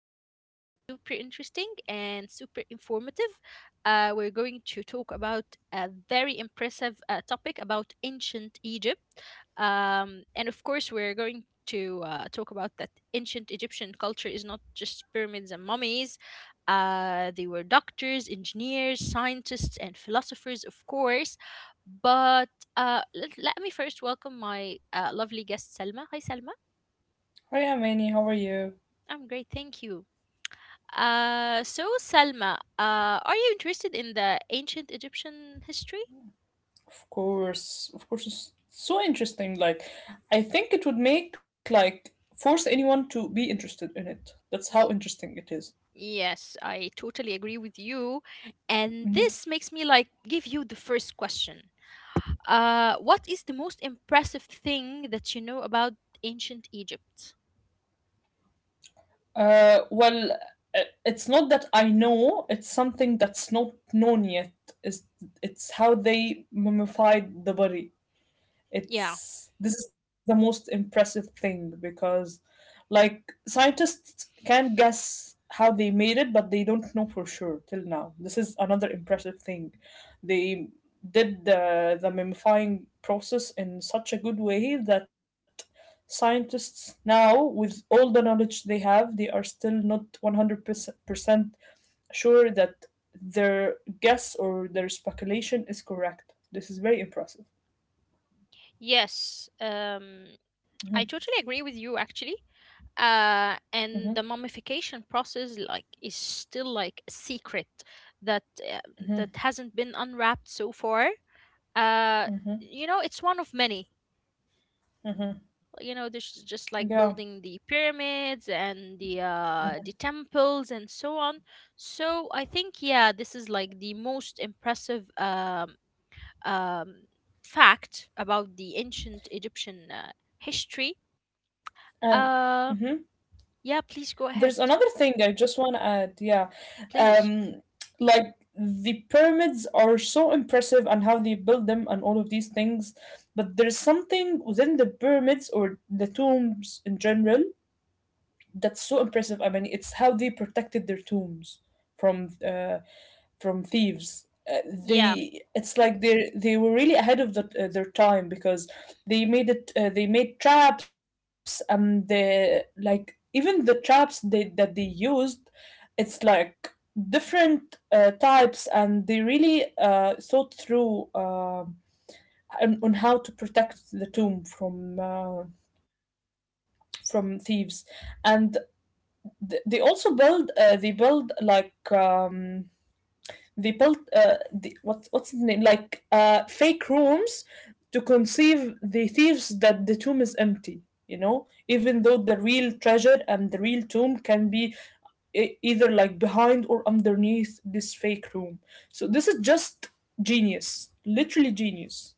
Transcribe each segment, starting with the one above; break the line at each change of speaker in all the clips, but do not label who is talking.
is going to be super interesting and super informative. We're going to talk about a very impressive topic about ancient Egypt. And of course, we're going to talk about that ancient Egyptian culture is not just pyramids and mummies. They were doctors, engineers, scientists, and philosophers, of course, but let me first welcome my lovely guest, Selma. Hi, Selma.
Hi, Amani. How are you?
I'm great, thank you. So, Selma, are you interested in the ancient Egyptian history?
Of course, of course. It's so interesting. I think it would make like force anyone to be interested in it. That's how
Y-
interesting it is.
yes, I totally agree with you. And this
Mhm.
makes me like give you the first question. What is the most impressive thing that you know about ancient Egypt?
Uh, well, it's not that I know. It's something that's not known yet. Is it's how they mummified the body.
Yeah.
It's this is the most impressive thing because like scientists can guess how they made it, but they don't know for sure till now. This is another impressive thing. They did the mummifying process in such a good way that scientists now, with all the knowledge they have, they are still not 100% sure that their guess or their speculation is correct. This is very impressive.
Yes.
Mhm,
I totally agree with you, actually.
mhm,
And the mummification process like is still like a secret that uh, that hasn't been unwrapped so far. uh
mhm.
it's one of many.
Mm-hmm.
There's just like
Yeah.
building the pyramids and the temples and so on. So I think, yeah, this is like the most impressive um fact about the ancient Egyptian history.
And mhm.
uh yeah, please go
There's
ahead.
another thing I just want to add. Yeah.
Please.
Um, like the pyramids are so impressive and how they build them and all of these things, but there's something within the pyramids or the tombs in general that's so impressive. I mean, it's how they protected their tombs from uh, from thieves. Uh,
Yeah.
they it's like they were really ahead of their time because they made traps and the like even the traps that they used, it's like different types, and they really thought through on how to protect the tomb from thieves. And they also build they build like they built what what's the name like fake rooms to conceive the thieves that the tomb is empty. You know, even though the real treasure and the real tomb can be either like behind or underneath this fake room. So this is just genius, literally genius.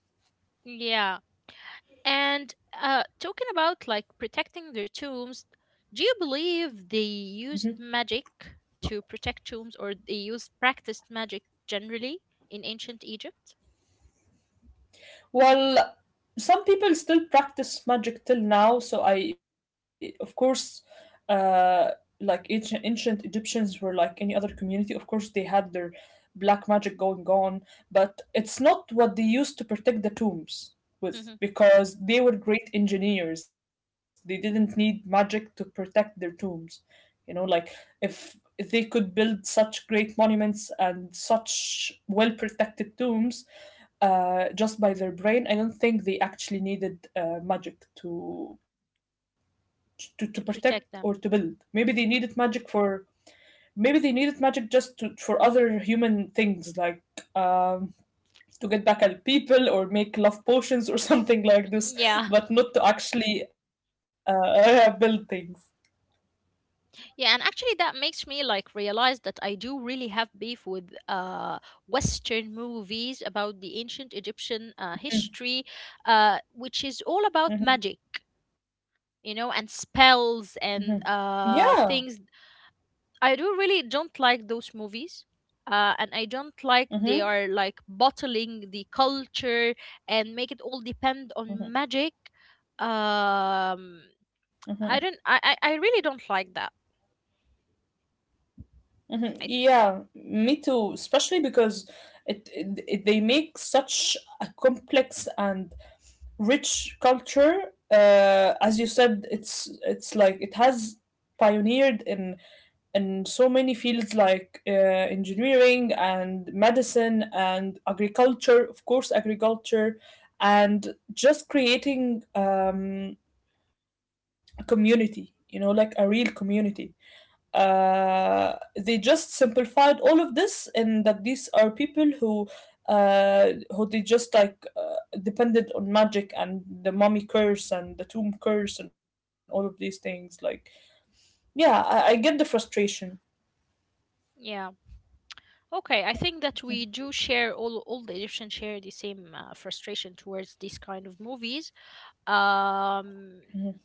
Yeah. And talking about like protecting their tombs, do you believe they used magic to protect tombs, or they used practiced magic generally in ancient Egypt?
Well, some people still practice magic till now, so uh, like ancient Egyptians were like any other community. Of course, they had their black magic going on, but it's not what they used to protect the tombs
Mhm.
with because they were great engineers. They didn't need magic to protect their tombs. You know, like if they could build such great monuments and such well protected tombs, just by their brain. I don't think they actually needed magic to
To
protect
protect
or
them?
to build. Maybe they needed magic for maybe they needed magic just for other human things like um, to get back at people or make love potions or
Mhm.
something
Yeah.
like this, but not to actually build things.
Yeah, and actually that makes me like realize that I do really have beef with Western movies about the ancient Egyptian history, which is all about magic,
Mhm.
you know, and spells and
Yeah.
things. I do really don't like those movies. And I don't like they are
Hmm,
like bottling the culture and make it all depend on
hmm,
magic. Um,
hmm.
I don't. I really don't like that.
Mhm.
I
Yeah, me too. Especially because it they make such a complex and rich culture. As you said, it's like it has pioneered in so many fields like engineering and medicine and agriculture, of course, agriculture, and just creating a community. You know, like a real community, they just simplified all of this and that these are people who they just like depended on magic and the mummy curse and the tomb curse and all of these things. Like, yeah, I get the frustration.
Yeah. Okay. I think that we do share all the Egyptians share the same frustration towards these kind of movies. um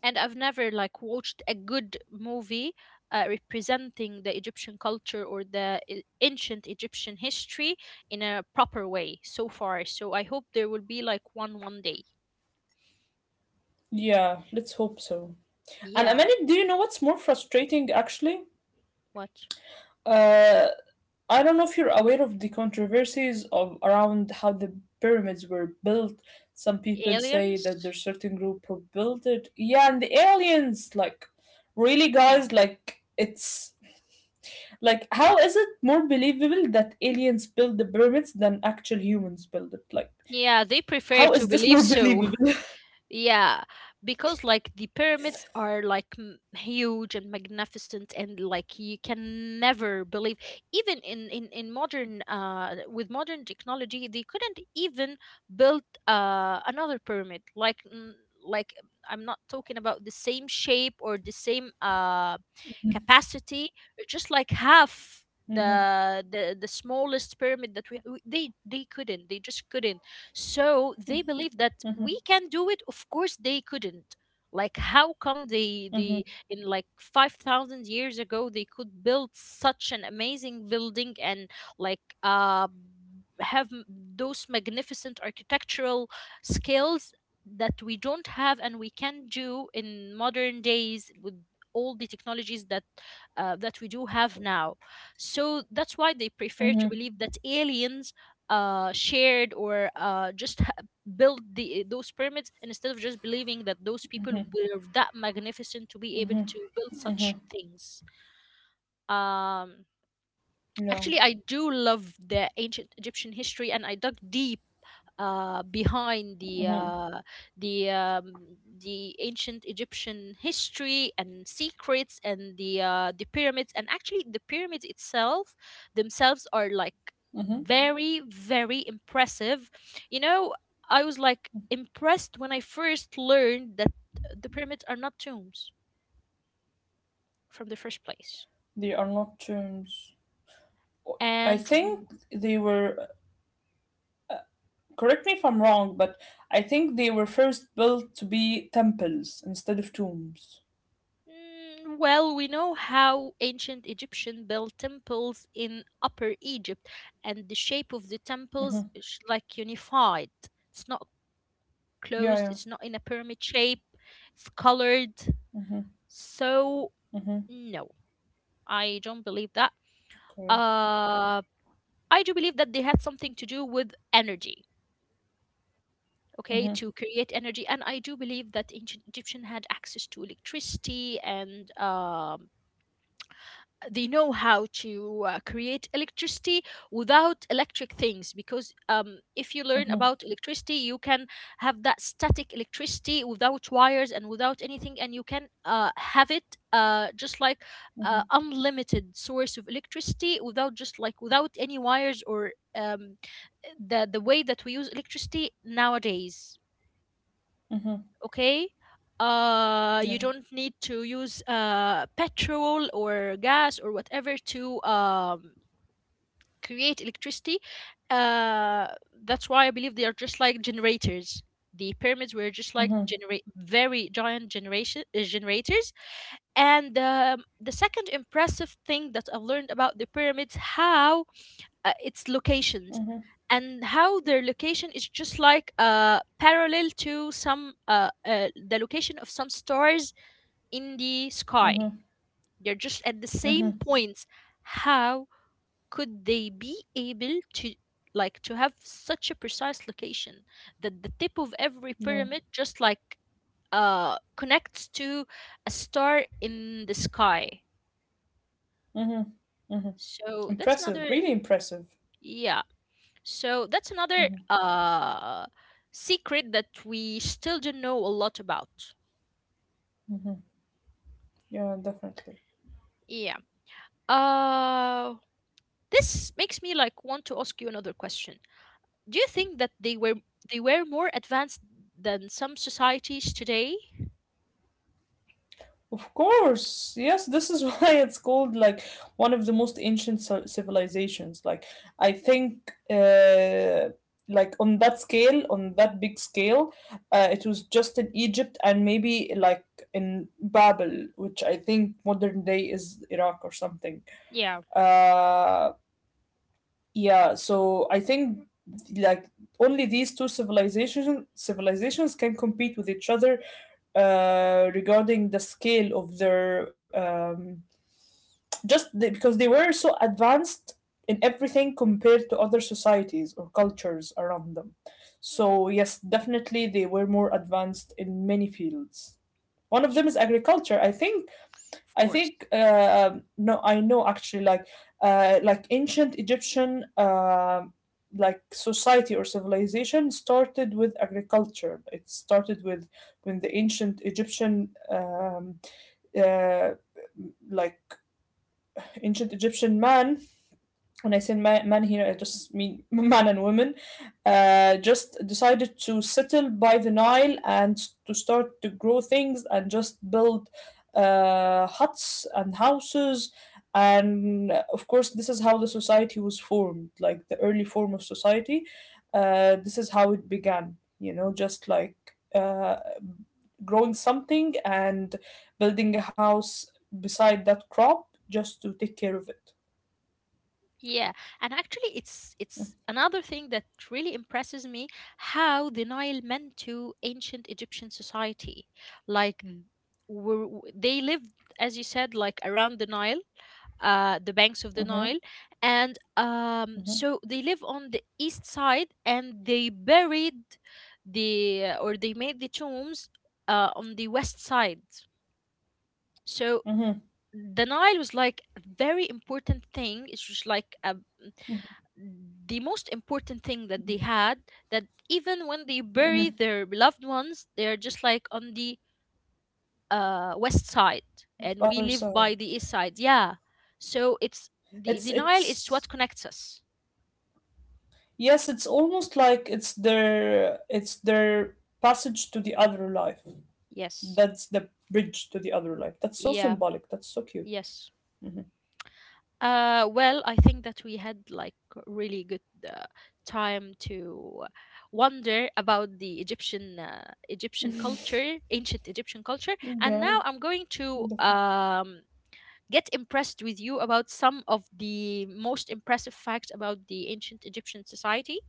and I've never like watched a good movie representing the Egyptian culture or ancient Egyptian history in a proper way so far. So I hope there will be like one day.
Yeah, let's hope so. And
Yeah.
Amanda, do you know what's more frustrating actually?
What?
Uh, I don't know if you're aware of the controversies of around how the pyramids were built. Some people say
Aliens?
that there's certain group who built it. Yeah, and the aliens, like, really,
Yeah.
guys, like, it's like, how is it more believable that aliens build the pyramids than actual humans build it? Like,
Yeah, they prefer
how
to
is this
believe
more
so.
believable?
Yeah, because like the pyramids are like huge and magnificent, and like you can never believe. Even in modern with modern technology, they couldn't even build another pyramid. Like, like, I'm not talking about the same shape or the same capacity, just like half
Mm-hmm,
the smallest pyramid that they couldn't, they just couldn't, so they believe that we can do it. Of course, they couldn't. Like, how come they
mm-hmm,
in like 5,000 years ago, they could build such an amazing building and like have those magnificent architectural skills that we don't have and we can do in modern days with all the technologies that we do have now. So that's why they prefer to
mm-hmm.
believe that aliens shared or build the those pyramids, and instead of just believing that those people were that magnificent to be able to build such things. um
No,
Actually I do love the ancient Egyptian history, and I dug deep behind the ancient Egyptian history and secrets and the pyramids. And actually the pyramids itself themselves are like very very impressive. You know, I was like impressed when I first learned that the pyramids are not tombs from the first place.
they are not terms. I
And
think they were. Correct me if I'm wrong, but I think they were first built to be temples instead of tombs.
Well, we know how ancient Egyptian built temples in Upper Egypt, and the shape of the temples is like unified. It's not closed, it's not in a
Yeah, yeah.
pyramid shape, it's colored. So, no, I don't believe that.
Okay.
Uh, I do believe that they had something to do with energy, okay, to create energy. And I do believe that ancient Egyptian had access to electricity, and they know how to create electricity without electric things, because if you learn about
Mm-hmm,
electricity, you can have that static electricity without wires and without anything, and you can have it, just like,
mm-hmm.
unlimited source of electricity without just like without any wires or the way that we use electricity nowadays. Okay. You
Yeah,
don't need to use petrol or gas or whatever to create electricity. uh that's why I believe they are just like generators. The pyramids were just like generate very giant generation generators. And the second impressive thing that I've learned about the pyramids, how its locations and how their location is just like parallel to some the location of some stars in the sky. They're just at the same points. How could they be able to, like, to have such a precise location that the tip of every
yeah.
pyramid just like connects to a star in the sky? So that's another.
Impressive, really impressive.
Yeah. So that's another secret that we still don't know a lot about.
Yeah, definitely.
Yeah. Uh, this makes me like want to ask you another question. Do you think that they were more advanced than some societies today?
Of course, yes, this is why it's called like one of the most ancient civilizations. Like, I think like on that scale, on that big scale, it was just in Egypt and maybe like in Babel, which I think modern day is Iraq or something.
Yeah.
Uh, yeah, so I think like only these two civilizations can compete with each other regarding the scale of their because they were so advanced in everything compared to other societies or cultures around them.
Mm,
So yes, definitely they were more advanced in many fields. One of
yeah,
them is agriculture. I think
of
I
course.
think no, I know actually, like ancient Egyptian like society or civilization started with agriculture. It started with when the ancient Egyptian uh, like ancient Egyptian man, when I say man, man here, I just mean man and woman, just decided to settle by the Nile and to start to grow things and just build huts and houses. And of course, this is how the society was formed, like the early form of society. This is how it began, you know, just like uh, growing something and building a house beside that crop just to take care of it.
Yeah, and actually, it's another thing that really impresses me how the Nile meant to ancient Egyptian society. Like, they lived, as you said, like around the Nile, the banks of the
Hmm.
Nile, and so they live on the east side, and they buried they made the tombs on the west side. So
Mm-hmm,
the Nile was like a very important thing. It's just like a the most important thing that they had, that even when they bury
hmm.
their loved ones they are just like on the west side, and we
Other
live by
side.
the east side. Yeah. So it's the denial is
It's
what connects us.
yes, it's almost like it's their passage to the other life.
Yes.
That's the bridge to the other life. That's so
Yeah.
symbolic. That's so cute.
Yes. Well, I think that we had like really good uh, time to wonder about the Egyptian egyptian culture ancient Egyptian culture. And
Yeah.
now I'm going to
Mm-hmm,
get impressed with you about some of the most impressive facts about the ancient Egyptian society.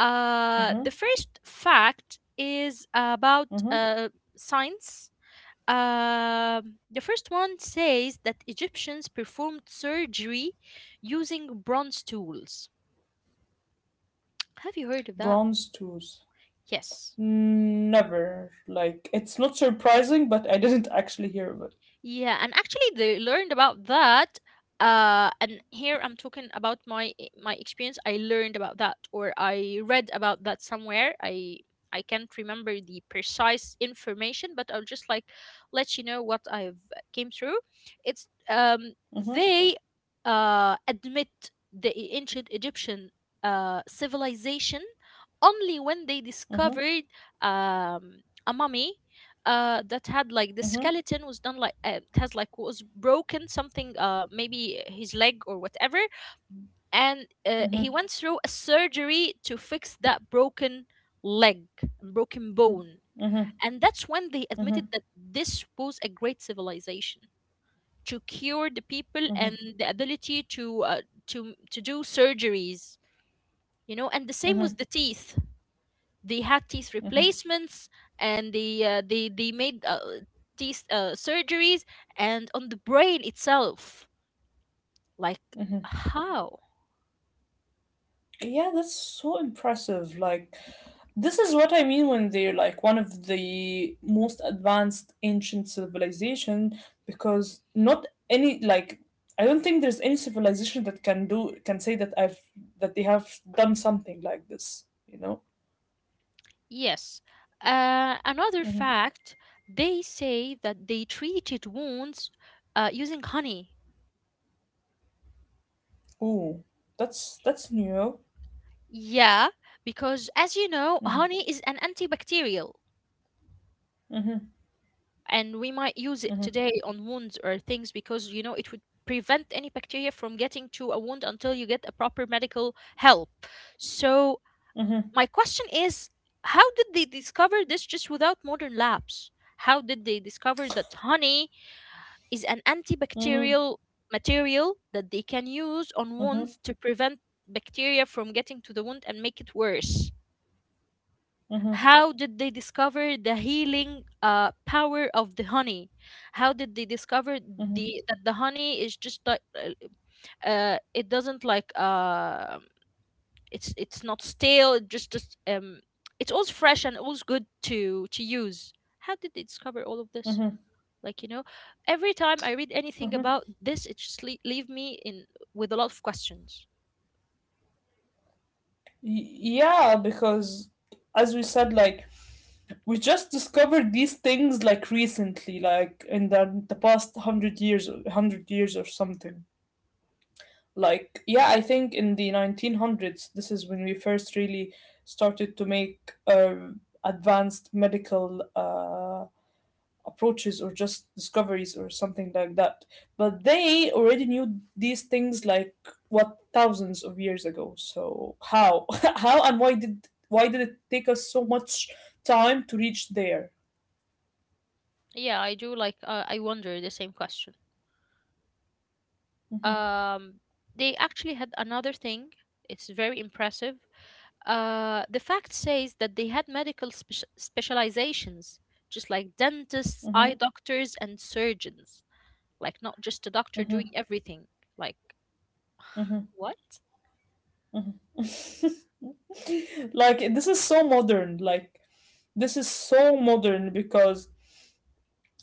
The first fact is about
mm-hmm.
science. The first one says that Egyptians performed surgery using bronze tools. Have you heard of that?
Bronze tools.
Yes.
Never. Like it's not surprising, but I didn't actually hear of it.
Yeah, and actually they learned about that. And here I'm talking about my experience. I learned about that, or I read about that somewhere. I can't remember the precise information, but I'll just like let you know what I've came through. It's
Mm-hmm,
they admit the ancient Egyptian civilization only when they
mm-hmm,
discovered um a mummy, that had like the
mm-hmm,
skeleton was done like, it has like was broken something, maybe his leg or whatever, and he went through a surgery to fix that broken leg, broken bone. And that's when they admitted
mm-hmm.
that this was a great civilization to cure the people and the ability to to do surgeries. And the same with the teeth. They had teeth replacements, and they made teeth surgeries, and on the brain itself. Like, how?
Yeah, that's so impressive. Like, this is what I mean when they're like one of the most advanced ancient civilization because not any like I don't think there's any civilization that can do can say that I've that they have done something like this, you know?
Yes. Another fact, they say that they treated wounds using honey.
Ooh, that's new.
Yeah, because as you know, honey is an antibacterial, and we might use it today on wounds or things, because, it would prevent any bacteria from getting to a wound until you get a proper medical help. So
Mm-hmm.
my question is, how did they discover this just without modern labs? How did they discover that honey is an
Mm-hmm.
antibacterial material that they can use on
Mm-hmm.
wounds to prevent bacteria from getting to the wound and make it worse? How did they discover the healing power of the honey? How did they discover the that the honey is just like, it doesn't like, it's not stale. It just it's always fresh and always good to use. How did they discover all of this?
Mm-hmm.
Like, every time I read anything
Mm-hmm.
about this, it just leave me in with a lot of questions.
Y- yeah, because as we said, like we just discovered these things like recently like in the past 100 years, 100 years or something. Like, yeah, I think in the 1900s, this is when we first really started to make advanced medical approaches or just discoveries or something like that, but they already knew these things like what thousands of years ago. So how, how and why did it take us so much time to reach there?
Yeah, I do. Like, I wonder the same question.
Mhm.
Um, they actually had another thing. It's very impressive. The fact says that they had medical specializations, just like dentists, eye
Mhm,
doctors, and surgeons. Like, not just a doctor doing
mhm,
everything. Like,
mhm,
what?
mhm. Like this is so modern. Like this is so modern because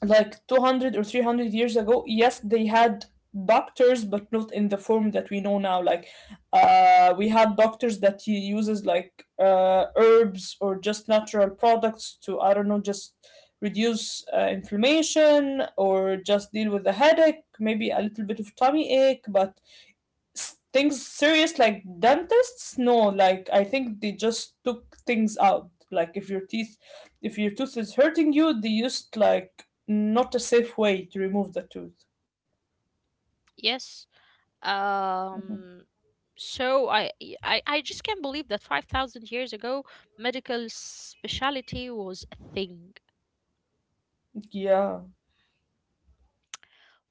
like 200 or 300 years ago, yes, they had doctors, but not in the form that we know now. Like we had doctors that he uses like herbs or just natural products to I don't know just reduce inflammation or just deal with the headache, maybe a little bit of tummy ache, but things serious like dentists, no, like I think they just took things out. Like if your teeth, if your tooth is hurting you, they used like not a safe way to remove the tooth.
Yes,
Mhm.
um so I, y- I I just can't believe that 5000 years ago medical specialty was a thing.
Yeah,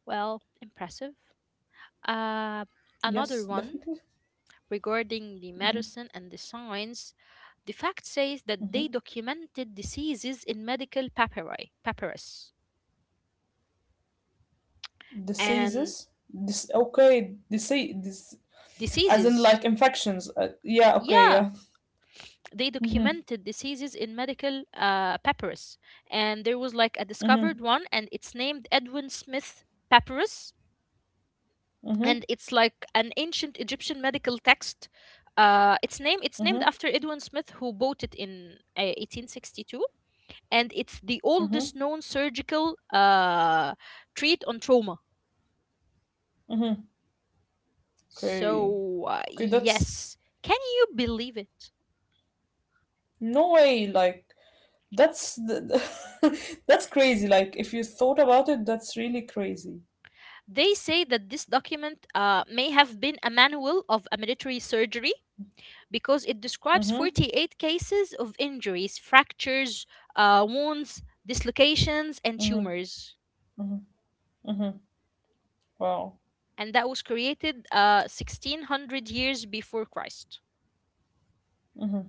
Well, impressive. uh
yes,
Another
definitely.
one, regarding the
Mhm,
medicine and the science, the fact says that
mhm.
they documented diseases in medical papyri papyrus. And
Diseases, this okay, disease, this as in
diseases,
like infections, yeah, okay,
yeah,
yeah.
they
Mm-hmm,
documented diseases in medical papyrus, and there was like a
mm-hmm,
discovered one and it's named Edwin Smith papyrus.
mm-hmm,
And it's like an ancient Egyptian medical text. It's name, it's named after Edwin Smith who bought it in 1862, and it's the oldest
mm-hmm.
known surgical treat on trauma.
Okay,
So
okay, that's
yes, can you believe it?
no way, like that's the, that's crazy. Like if you thought about it, that's really crazy.
They say that this document may have been a manual of a military surgery because it describes
Mhm.
48 cases of injuries, fractures, wounds, dislocations, and
Mhm.
tumors.
Mhm. Mhm. Wow.
And that was created 1600 years before Christ,
Mhm.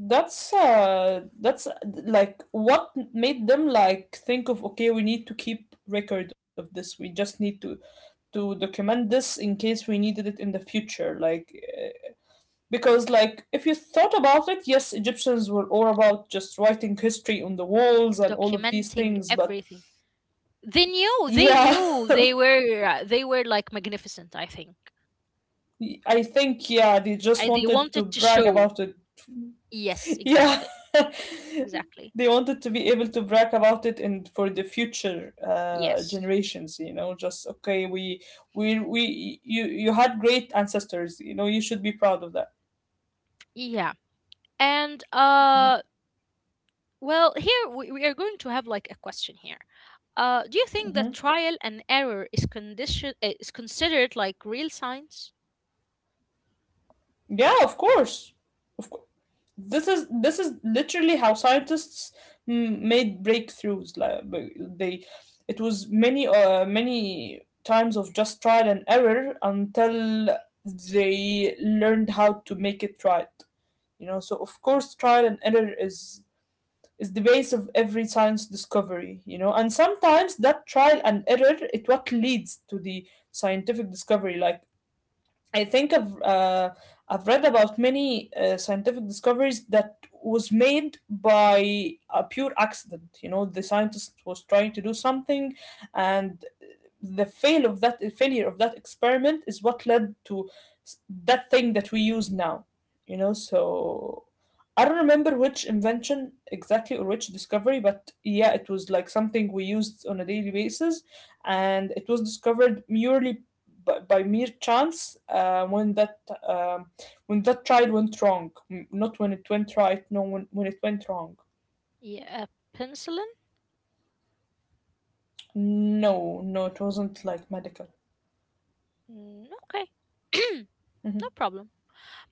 That's like what made them like think of okay, we need to keep record of this. We just need to document this in case we needed it in the future. Because like if you thought about it, yes, Egyptians were all about just writing history on the walls and all of these
documenting
things, but
everything. They knew, they
yeah,
knew, they were like magnificent, I think.
I think, yeah, they just
And they
wanted to
wanted to
brag
show.
about it.
Yes,
Yeah.
exactly, exactly.
They wanted to be able to brag about it and for the future
Yes,
generations, you know, just okay, we you had great ancestors, you know, you should be proud of that.
yeah. And well, here we are going to have like a question here. Do you think that
Hmm.
trial and error is condition is considered like real science?
Yeah, of course. Of course. This is this is literally how scientists made breakthroughs. Like they it was many many times of just trial and error until they learned how to make it right. You know, so of course trial and error is the base of every science discovery. You know, and sometimes that trial and error it what leads to the scientific discovery. Like I think I've read about many scientific discoveries that was made by a pure accident. You know, the scientist was trying to do something, and the failure of that experiment is what led to that thing that we use now, you know. So I don't remember which invention exactly or which discovery, but yeah, it was like something we used on a daily basis, and it was discovered merely by mere chance um, when that trial went wrong. Not when it went right, no, when it went wrong.
Yeah, penicillin.
No, no, it wasn't like medical.
Mm, okay, no
Mhm,
problem.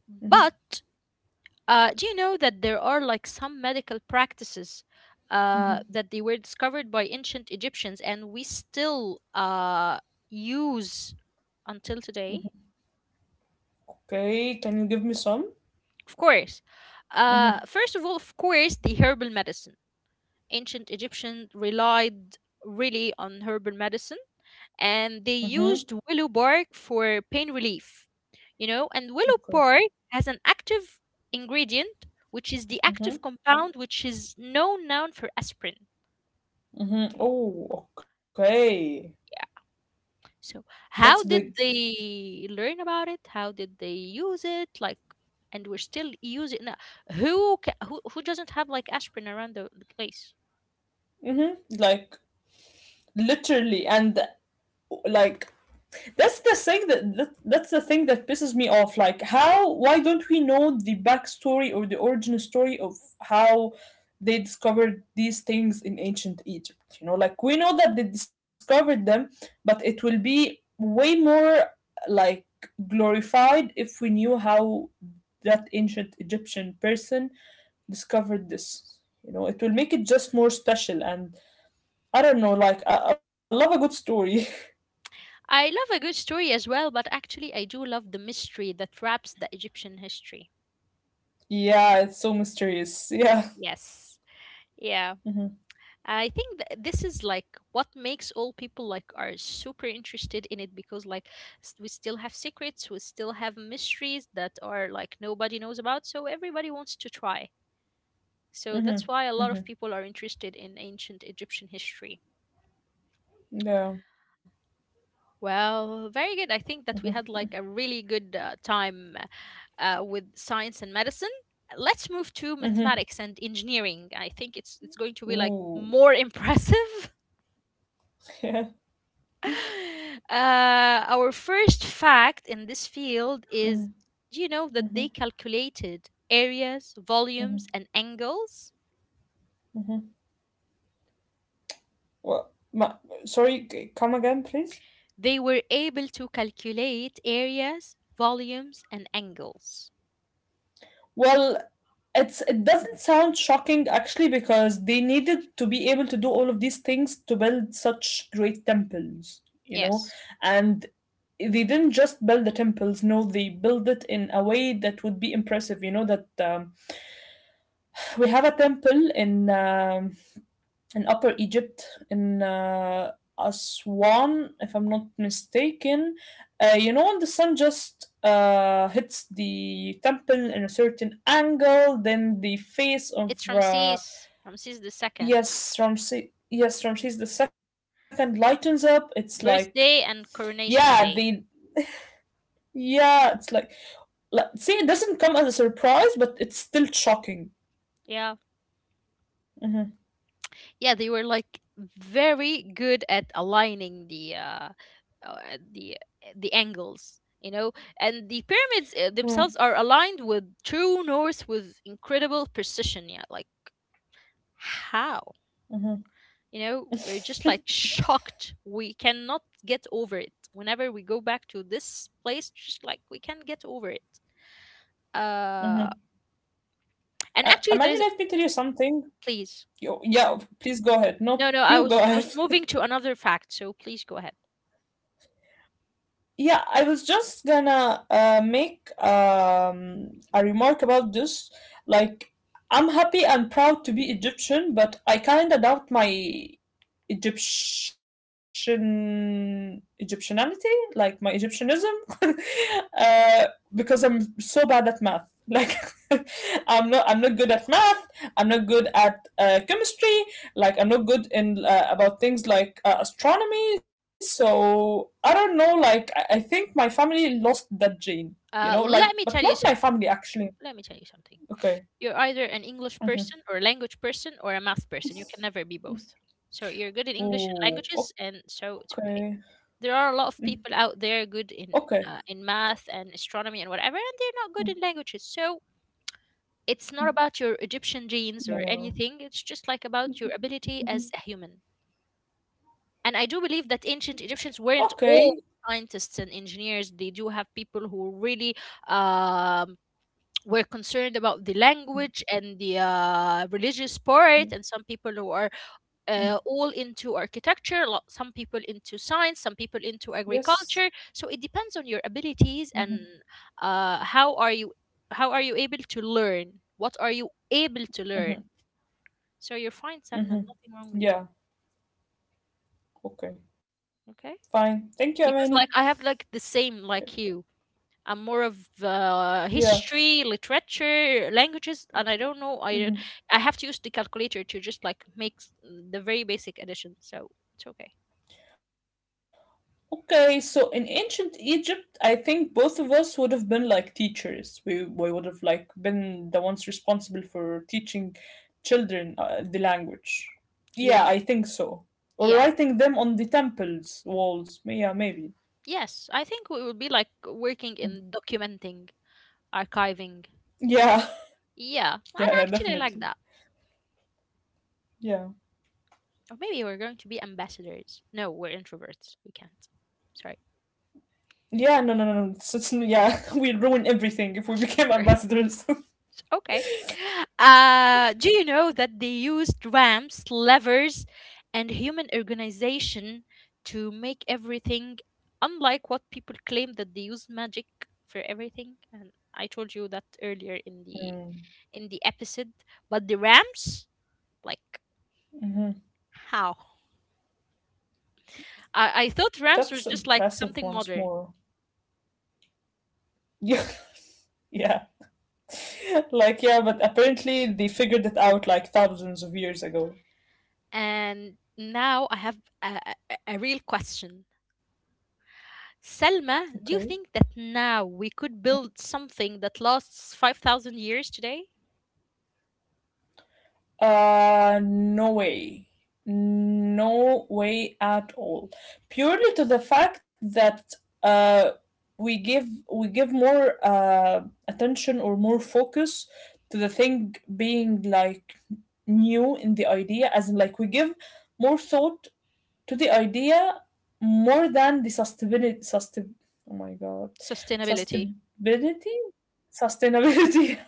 But
mhm.
do you know that there are like some medical practices that they were discovered by ancient Egyptians and we still use until today?
Okay, can you give me some?
Of course. First of all, of course, the herbal medicine. Ancient Egyptians relied really on herbal medicine, and they
Mhm.
used willow bark for pain relief, you know, and willow bark
Okay.
has an active ingredient, which is the active
Mhm.
compound, which is known now for aspirin.
Mhm. Oh, okay.
Yeah. So,
That's
how
big.
did they learn about it? How did they use it? Like, and we're still using. Now, who doesn't have like aspirin around the place?
Mhm. Like, literally, and like that's the thing that pisses me off. Like, how? Why don't we know the backstory or the origin story of how they discovered these things in ancient Egypt? You know, like we know that they discovered them, but it will be way more like glorified if we knew how that ancient Egyptian person discovered this. You know, it will make it just more special. And I don't know, like, I love a good story.
I love a good story as well, but actually, I do love the mystery that wraps the Egyptian history.
Yeah, it's so mysterious. Yeah.
Yes. Yeah.
Mm-hmm.
I think this is like what makes all people like are super interested in it, because like we still have secrets, we still have mysteries that are like nobody knows about, so everybody wants to try. So that's why a
Mm-hmm.
lot
Mm-hmm.
of people are interested in ancient Egyptian history.
Yeah.
Well, very good. I think that we had like a really good time with science and medicine. Let's move to
Mm-hmm.
mathematics and engineering. I think it's going to be like
Ooh.
more impressive.
Yeah.
uh, our first fact in this field is, do you know that they calculated areas, volumes, and angles?
Well, sorry, come again, please?
They were able to calculate areas, volumes, and angles.
Well, it doesn't sound shocking actually, because they needed to be able to do all of these things to build such great temples, you know?
Yes,
And they didn't just build the temples, no, they built it in a way that would be impressive, you know, that we have a temple in Upper Egypt, in Aswan, if I'm not mistaken. You know, when the sun just hits the temple in a certain angle, then the face of
it's Ramses, Ramses the second.
yes, Ramses the second lightens up. It's like,
Birthday and
yeah, the
coronation day.
yeah, it's like see, it doesn't come as a surprise, but it's still shocking.
Yeah.
Mm-hmm.
Yeah, they were like very good at aligning the uh the the angles, you know. And the pyramids themselves are aligned with true north with incredible precision. Yeah, like how? You know, we're just
Mm-hmm.
like shocked. We cannot get over it. Whenever we go back to this place, just like we can't get over it. Uh
Mm-hmm.
and actually there
Amani,
is,
let me tell you something.
please.
Yo, yeah, please go ahead. No,
No, no, I
you go
was I
ahead.
was moving to another fact, so please go ahead.
Yeah, I was just gonna make a remark about this. Like, I'm happy and proud to be Egyptian, but I kinda doubt my Egyptian Egyptianity, like my Egyptianism, uh, because I'm so bad at math. Like, I'm not good at math. I'm not good at chemistry. Like, I'm not good in about things like astronomy. So I don't know. Like, I think my family lost that gene. You know,
Let me
like,
tell you
but not
something.
my family
Let
actually.
me tell you something. You're
Okay.
either an English person or a
Mm-hmm.
language person or a math person. You can never be both. So you're good in English and languages,
Ooh.
and so it's
Okay.
okay. There are a lot
Mm.
of people out there good
Okay.
in math and astronomy and whatever, and they're not good in
Mm.
languages. So it's not about your Egyptian genes or anything. It's
Yeah.
just like about your ability as a human.
Mhm.
And I do believe that ancient Egyptians weren't
Okay.
all scientists and engineers. They do have people who really um, were concerned about the language and the religious part, and some people
Yeah.
who are all
Mm.
into architecture, some people into science, some people into agriculture. So it
Yes.
depends on your abilities, and
Mm-hmm.
uh, how are you how are you able to learn? What are you able to learn?
Mm-hmm.
So you're fine, Salman. Nothing wrong with
Mm-hmm.
you.
Yeah. Okay.
Okay,
Fine. Thank you,
because
Amani.
like I have like the same like
Okay.
you. I'm more of history,
Yeah.
literature, languages, and I don't know. I don't. I have to use
Mm-hmm.
the calculator to just like make the very basic addition. So it's okay.
Okay. So in ancient Egypt, I think both of us would have been like teachers. We would have like been the ones responsible for teaching children the language. Yeah,
Yeah.
I think so. Or
Yeah.
writing them on the temples walls. Yeah, maybe.
Yes, I think we would be like working in documenting, archiving.
Yeah.
Yeah, and
Yeah.
I
Yeah.
actually like
Definitely.
that.
Yeah.
Or maybe we're going to be ambassadors. No, we're introverts. We can't. Sorry.
Yeah, no, no, no, no. Yeah, we'd ruin everything if we became ambassadors.
Okay. Do you know that they used ramps, levers, and human organization to make everything, unlike what people claim that they use magic for everything? And I told you that earlier
Mm-hmm.
in the episode. But the ramps, like how? I thought
That's
ramps was just
impressive
like
once
something
more.
modern,
Yeah, yeah. Like, yeah, but apparently they figured it out like thousands of years ago.
and now I have a real question.
Okay.
Selma, do you think that now we could build something that lasts 5,000 years today?
No way. No way at all. Purely to the fact that uh, we give we give more attention or more focus to the thing being like new in the idea, as in like we give more thought to the idea more than the sustainability. Oh my god,
Sustainability.
sustainability, sustainability.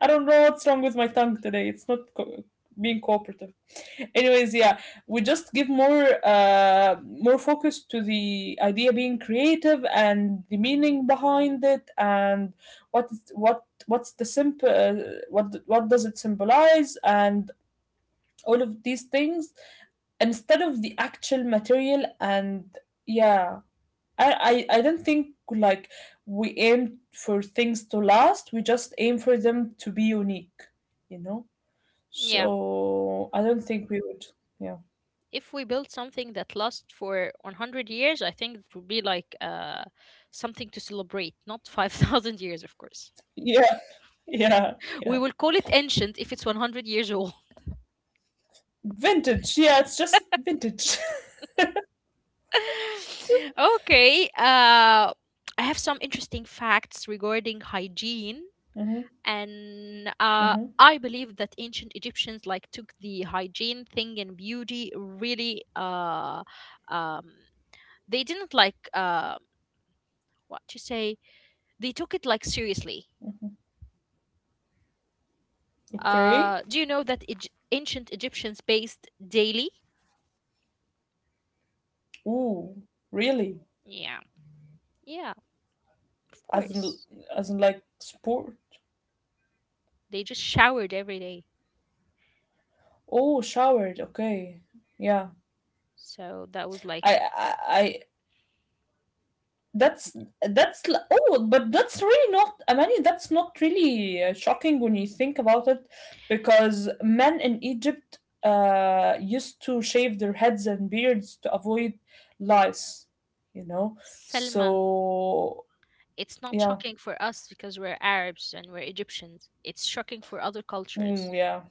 I don't know what's wrong with my tongue today. It's not being cooperative. Anyways, yeah, we just give more focus to the idea being creative and the meaning behind it, and what's the simple what does it symbolize, and all of these things instead of the actual material, and yeah, I don't think like we aim for things to last. We just aim for them to be unique, you know.
Yeah.
So I don't think we would. Yeah.
If we build something that lasts for 100 years, I think it would be like something to celebrate, not 5,000 years, of course.
Yeah. Yeah.
We
Yeah.
will call it ancient if it's 100 years old.
Vintage. Yeah, it's just vintage.
Okay. I have some interesting facts regarding hygiene
Mhm.
and
Mhm.
I believe that ancient Egyptians like took the hygiene thing and beauty really, um, they didn't like what to say, they took it like seriously.
Okay.
Do you know that ancient Egyptians bathed daily?
Ooh, really?
Yeah, yeah, of
As in,
course.
as in like sport.
They just showered every day.
Oh, showered. Okay. Yeah.
So that was like,
I That's that's l Oh, but that's really not, I mean, that's not really, shocking when you think about it, because men in Egypt, used to shave their heads and beards to avoid lice, you know?
Selma,
So,
it's not
yeah.
shocking for us because we're Arabs and we're Egyptians, it's shocking for other
Mm,
cultures.
yeah.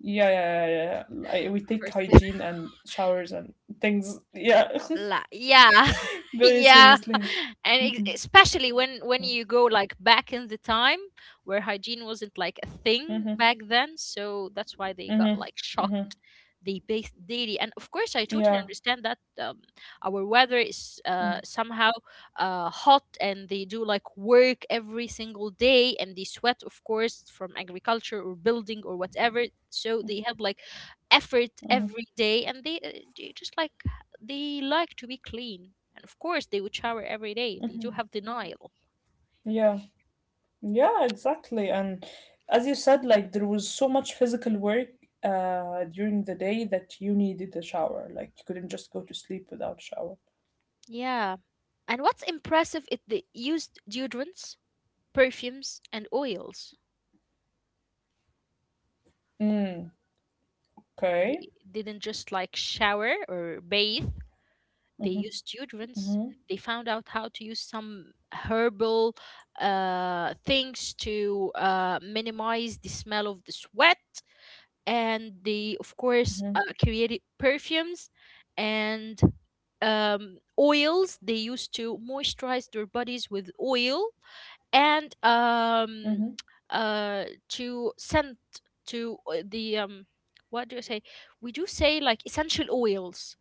Yeah, yeah, yeah, yeah, yeah. I we take
First,
hygiene and showers and things, yeah,
la, yeah,
very
yeah.
seriously.
And ex
Mhm.
especially when you go like back in the time where hygiene wasn't like a thing
Mhm.
back then, so that's why they got
Mhm.
like
Mhm.
shocked. They based daily, and of course, I totally
Yeah.
understand that our weather is
Mm,
somehow hot, and they do like work every single day, and they sweat, of course, from agriculture or building or whatever. So they have like effort
mhm.
every day, and they just like they like to be clean. And of course, they would shower every day. They do have the Nile.
Yeah. Yeah, exactly. And as you said, like there was so much physical work during the day that you needed a shower. Like you couldn't just go to sleep without a shower.
Yeah. And what's impressive is they used deodorants, perfumes, and oils.
Mm, okay.
They didn't just like shower or bathe, they
Mm-hmm,
used deodorants.
mm-hmm,
They found out how to use some herbal things to minimize the smell of the sweat. And they, of course,
mm-hmm,
created perfumes and oils. They used to moisturize their bodies with oil, and
mm-hmm.
to scent to the what do I say we do say like essential oils.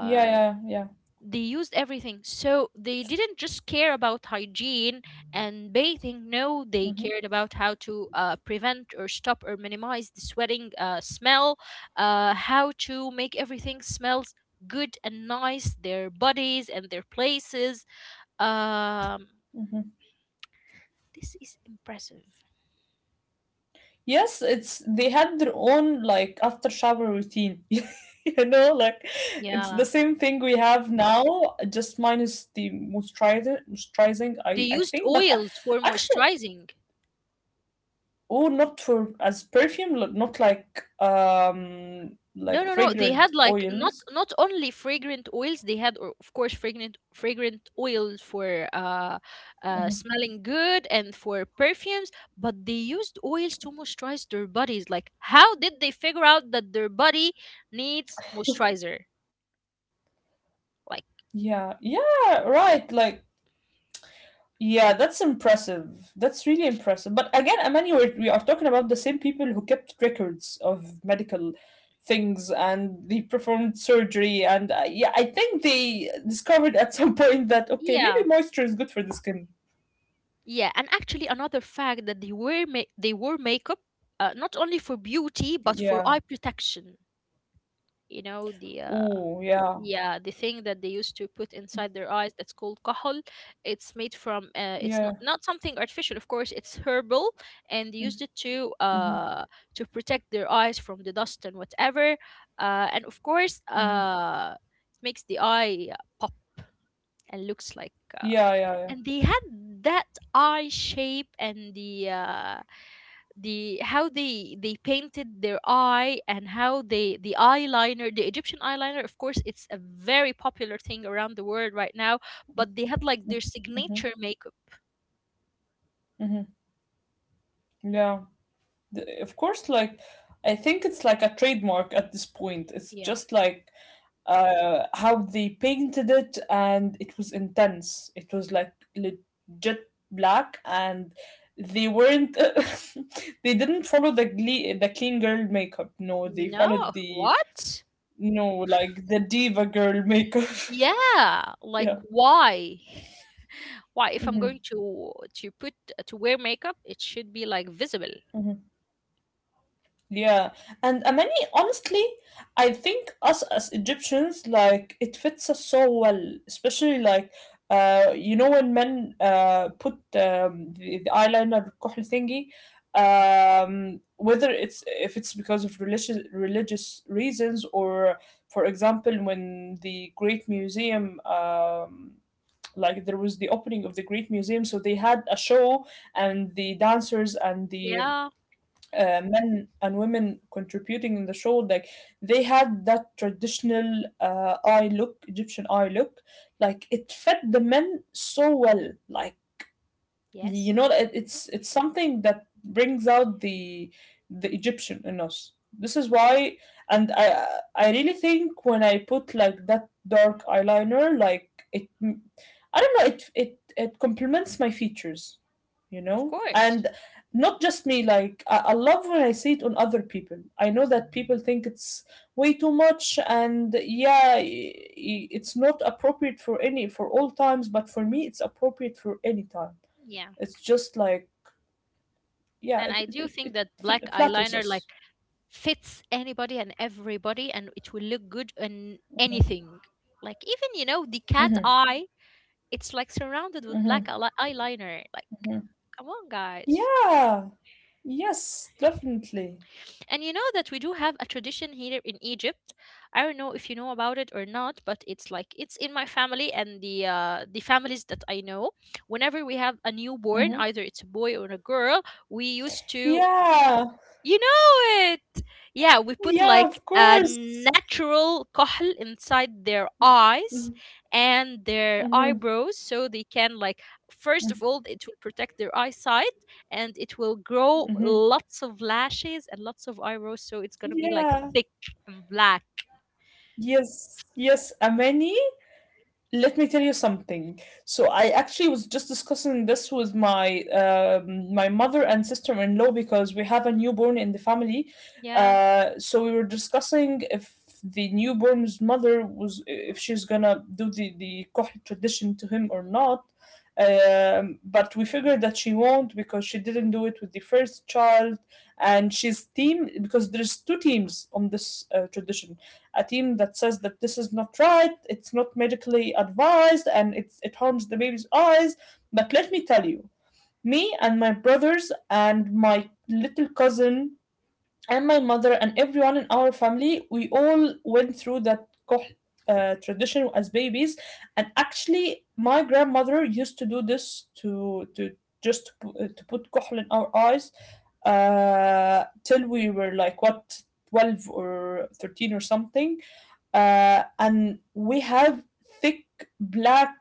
Yeah, yeah, yeah.
they used everything. So they didn't just care about hygiene and bathing, no, they
Mm-hmm,
cared about how to prevent or stop or minimize the sweating smell, how to make everything smells good and nice, their bodies and their places. um,
mm-hmm.
this is impressive.
Yes, it's they had their own like after shower routine. You know, like it's
Yeah,
the same thing we have now, just minus the moisturizer, moisturizing,
they
I
used
think. But I,
oils for
actually.
moisturizing.
Oh, not for as perfume, not like um
No,
like
no, no. They
fragrant
had like not
oils.
not only fragrant oils. They had, of course, fragrant oil for
Mhm.
smelling good and for perfumes. But they used oils to moisturize their bodies. Like, how did they figure out that their body needs moisturizer? Like,
Yeah, yeah, right. Like, yeah, that's impressive. That's really impressive. But again, Amani, we are talking about the same people who kept records of medical things, and they performed surgery, and yeah, I think they discovered at some point that okay, maybe
yeah,
moisture is good for the skin.
yeah. And actually, another fact that they they wore makeup not only for beauty but for
Yeah.
eye protection. You know the
Oh, yeah.
yeah, the thing that they used to put inside their eyes that's called kahol. It's made from it's
Yeah.
not not something artificial, of course. It's herbal, and they used it
Mm-hmm.
to protect their eyes from the dust and whatever. And of course,
Mm-hmm.
it makes the eye pop and looks like. Uh,
Yeah, yeah,
and they had that eye shape and the how they painted their eye and how they the eyeliner, the Egyptian eyeliner, of course, it's a very popular thing around the world right now, but they had like
yeah.
their
Mm.
signature makeup.
Mhm. Yeah. Of course, like, I think it's like a trademark at this point. It's
Yeah.
just like how they painted it, and it was intense. It was like legit black, and they weren't, they didn't follow the, clean girl makeup. No, they followed
No,
the,
what?
no, like the diva girl makeup.
Yeah, like,
Yeah.
why why if I'm
Hmm.
going to put to wear makeup it should be like visible.
Yeah, and Amani, honestly, I think us as Egyptians, like it fits us so well, especially like, you know, when men put the, eyeliner كحل thingy, whether it's, if it's because of religious reasons, or, for example, when the Great Museum, like there was the opening of the Great Museum, so they had a show, and the dancers and the
Yeah,
men and women contributing in the show, like they had that traditional eye look, Egyptian eye look, like it fed the men so well, like you
yes,
know, it's something that brings out the Egyptian in us. This is why, and I really think when I put like that dark eyeliner, like it, I don't know, it complements my features, you
of
know. And
course.
not just me, like I love when I see it on other people. I know that people think it's way too much, and yeah, it's not appropriate for any, for all times, but for me it's appropriate for any time.
Yeah.
It's just like, yeah,
And
it
I
it
do
it,
think
it
that
fl-
black
flatters
eyeliner
us.
like fits anybody and everybody and it will look good on anything, like even, you know, the cat
Mhm.
eye, it's like surrounded with
Mhm.
eyeliner, like,
Mhm.
come on, guys.
Yeah. Yes, definitely.
And you know that we do have a tradition here in Egypt. I don't know if you know about it or not, but it's like it's in my family and the families that I know. Whenever we have a newborn,
Mhm.
either it's a boy or a girl, we used to,
Yeah.
you know it. Yeah, we put
Yeah,
like
of
a
course.
natural kohl inside their eyes
Mhm.
and their
Mhm.
eyebrows, so they can like, first of all, it will protect their eyesight, and it will grow
Mhm.
lots of lashes and lots of eyebrows, so it's going to be like
Yeah.
thick and black.
Yes. Yes, Amani. Let me tell you something. So I actually was just discussing this with my my mother and sister-in-law, because we have a newborn in the family.
Yeah.
So we were discussing if the newborn's mother was if she's gonna do the kohl tradition to him or not. But we figured that she won't, because she didn't do it with the first child, and she's team, because there's two teams on this tradition. A team that says that this is not right, it's not medically advised, and it harms the baby's eyes. But let me tell you, me and my brothers and my little cousin and my mother and everyone in our family, we all went through that kohl tradition as babies. And actually, my grandmother used to do this to to just to put kohl in our eyes uh, till we were like, what, 12 or 13 or something, and we have thick, black,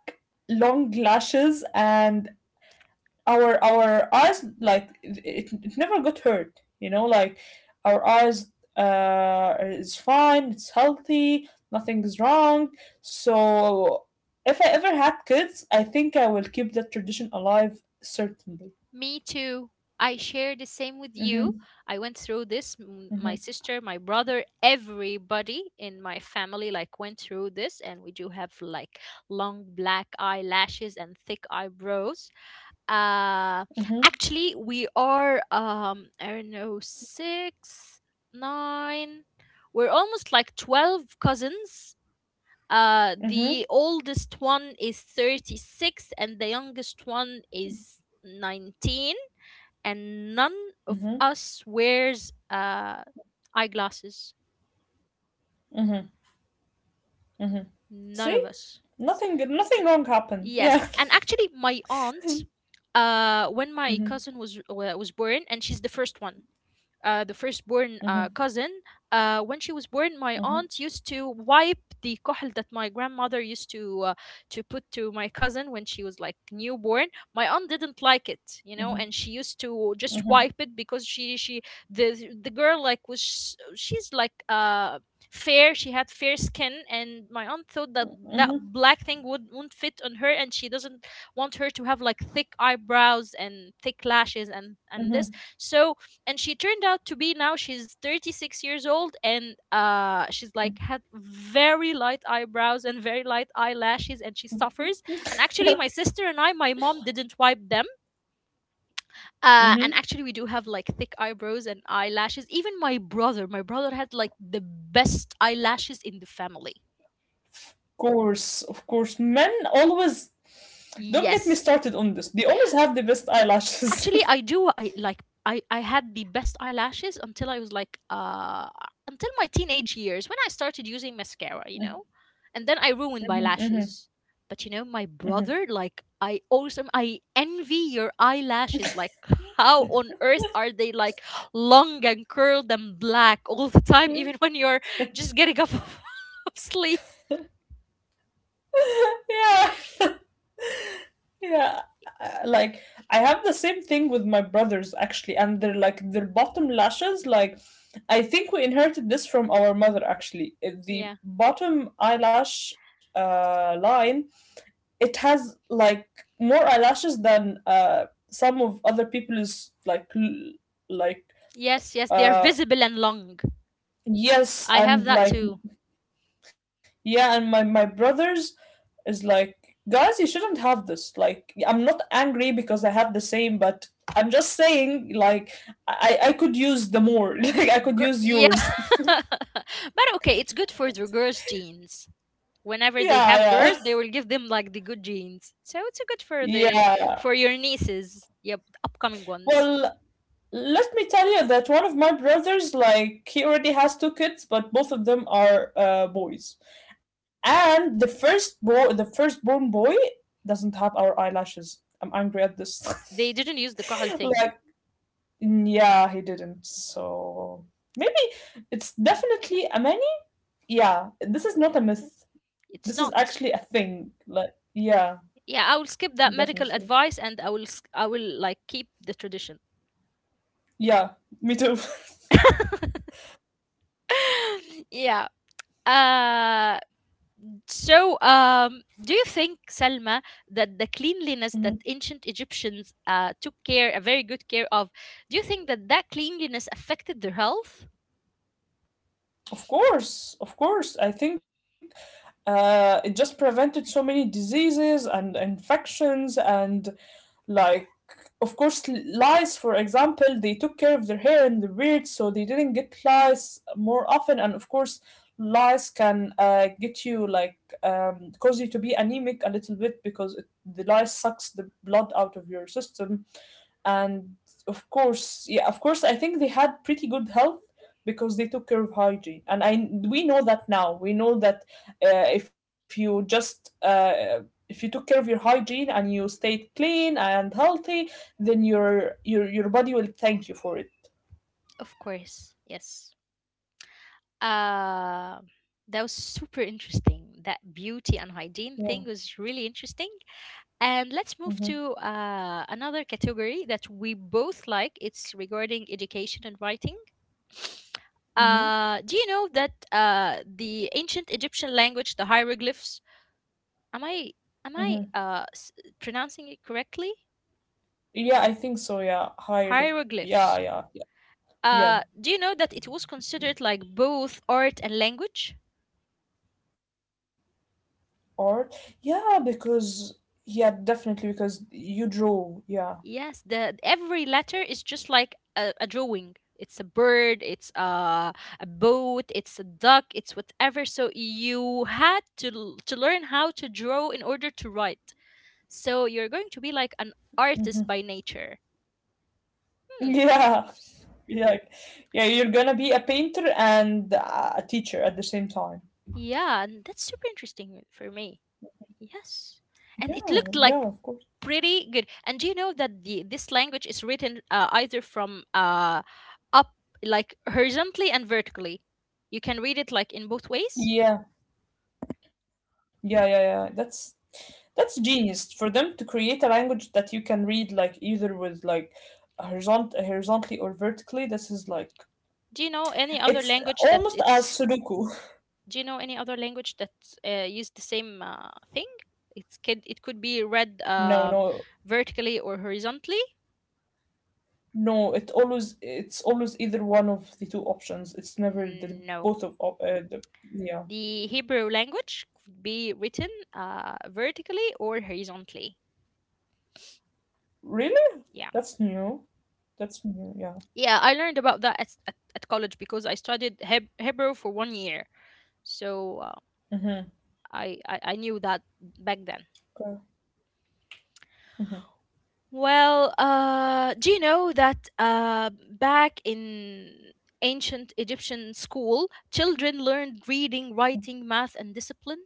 long lashes, and our eyes, like, it never got hurt, you know, like, our eyes is fine, it's healthy, nothing's wrong. So if I ever had kids, I think I will keep that tradition alive, certainly.
Me too. I share the same with
Mm-hmm,
you. I went through this. My
mm-hmm,
sister, my brother, everybody in my family like went through this, and we do have like long black eyelashes and thick eyebrows. Uh,
mm-hmm,
Actually, we are I don't know six, nine. We're almost like 12 cousins.
mm-hmm,
The oldest one is 36, and the youngest one is 19, and none of
mm-hmm,
us wears eyeglasses.
mm-hmm, mm-hmm.
None
See,
of us.
nothing wrong happened,
Yes,
yeah.
and actually, my aunt, when my
Mm-hmm,
cousin was born, and she's the first one, the firstborn
mm-hmm.
cousin. When she was born, my
Mhm,
aunt used to wipe the kohl that my grandmother used to put to my cousin when she was like newborn. My aunt didn't like it,
mhm,
and she used to just
mhm,
wipe it because she the girl, like, was she's like fair. She had fair skin, and my aunt thought that that
mhm,
black thing wouldn't fit on her, and she doesn't want her to have like thick eyebrows and thick lashes and this.
mhm,
So, and she turned out to be, now she's 36 years old, and she's like had very light eyebrows and very light eyelashes, and she suffers. And actually, my sister and I, my mom didn't wipe them. And
mhm.
actually, we do have like thick eyebrows and eyelashes. Even my brother had like the best eyelashes in the family.
Of course. Men always, don't get me
Yes.
started on this. They always have the best eyelashes.
Actually, I do. I like. I had the best eyelashes until I was like until my teenage years when I started using mascara. And then I ruined my
Mhm, mhm,
lashes. But my
mhm.
brother, like, I envy your eyelashes. Like, how on earth are they like long and curled and black all the time, even when
Mm.
you're just getting up of sleep?
Yeah, yeah. Like, I have the same thing with my brothers actually, and they're like their bottom lashes. Like, I think we inherited this from our mother actually. The
Yeah.
bottom eyelash line, it has like more eyelashes than some of other people's, like
Yes. Yes. They are
uh
visible and long. I
yes,
have that
and
too.
like, yeah, and my brothers is like, guys, you shouldn't have this, like, I'm not angry because I have the same, but I'm just saying, like, I could use the more, like, I could
Gr-
use yours.
but okay, it's good for the girls' genes. Whenever they have girls,
Yeah,
they will give them like the good genes. So it's good
yeah, yeah.
for your nieces, yep, the upcoming ones.
Well, let me tell you that one of my brothers, like, he already has two kids, but both of them are boys. And the first boy, the firstborn boy, doesn't have our eyelashes. I'm angry at this.
They didn't use the kahal thing.
Like, yeah, he didn't. So maybe it's definitely a many. Yeah, this is not a myth. This is
It's
actually a
not.
thing. Like, yeah,
Yeah, I will skip that
definitely.
medical advice and I will like keep the tradition.
Yeah, me too.
Yeah. Uh So, do you think, Selma, that the cleanliness
Mhm.
that ancient Egyptians took care, a very good care of, do you think that that cleanliness affected their health?
Of course, of course. I think it just prevented so many diseases and infections and, like, of course, lice, for example, they took care of their hair and their beard so they didn't get lice more often. And of course lice can get you, like, cause you to be anemic a little bit because the lice sucks the blood out of your system. And of course, yeah, of course I think they had pretty good health because they took care of hygiene. And I we know that now. We know that if you just if you took care of your hygiene and you stayed clean and healthy, then your body will thank you for it.
Of course, yes. Uh, that was super interesting. That beauty and hygiene
Yeah.
thing was really interesting. And let's move
Mm-hmm.
to another category that we both like. It's regarding education and writing.
Mm-hmm.
Do you know that the ancient Egyptian language, the hieroglyphs? Am I am I
Mm-hmm.
pronouncing it correctly?
Yeah, I think so. Yeah. Higher. Yeah,
Hieroglyphs.
yeah, yeah. Yeah.
Do you know that it was considered like both art and language?
Art. Yeah, because, yeah, definitely because you draw. Yeah.
Yes, the every letter is just like a drawing. It's a bird, it's a boat, it's a duck, it's whatever. So you had to learn how to draw in order to write. So you're going to be like an artist by nature. Hmm.
Yeah. Yeah. Yeah, you're gonna be a painter and a teacher at the same time.
Yeah, and that's super interesting for me. Yes.
Yeah,
And
yeah,
it
of
looked
course.
like pretty good. And do you know that the this language is written either from up, like horizontally and vertically? You can read it like in both ways.
Yeah. Yeah, yeah, yeah. That's genius for them to create a language that you can read, like, either with, like, horizontally or vertically. This is like,
Do you know any other
it's
language that
almost as
it's?
Sudoku.
Do you know any other language that use the same thing? It could be
No,
read
no,
vertically or horizontally?
no. It always it's always either one of the two options. It's never the
No,
both of op- the yeah.
the Hebrew language could be written vertically or horizontally.
Really?
Yeah.
That's new. That's new, yeah.
Yeah, I learned about that at college because I studied Hebrew for 1 year. So,
Mm-hmm.
I knew that back
Okay.
then. Well, do you know that back in ancient Egyptian school, children learned reading, writing, math, and discipline?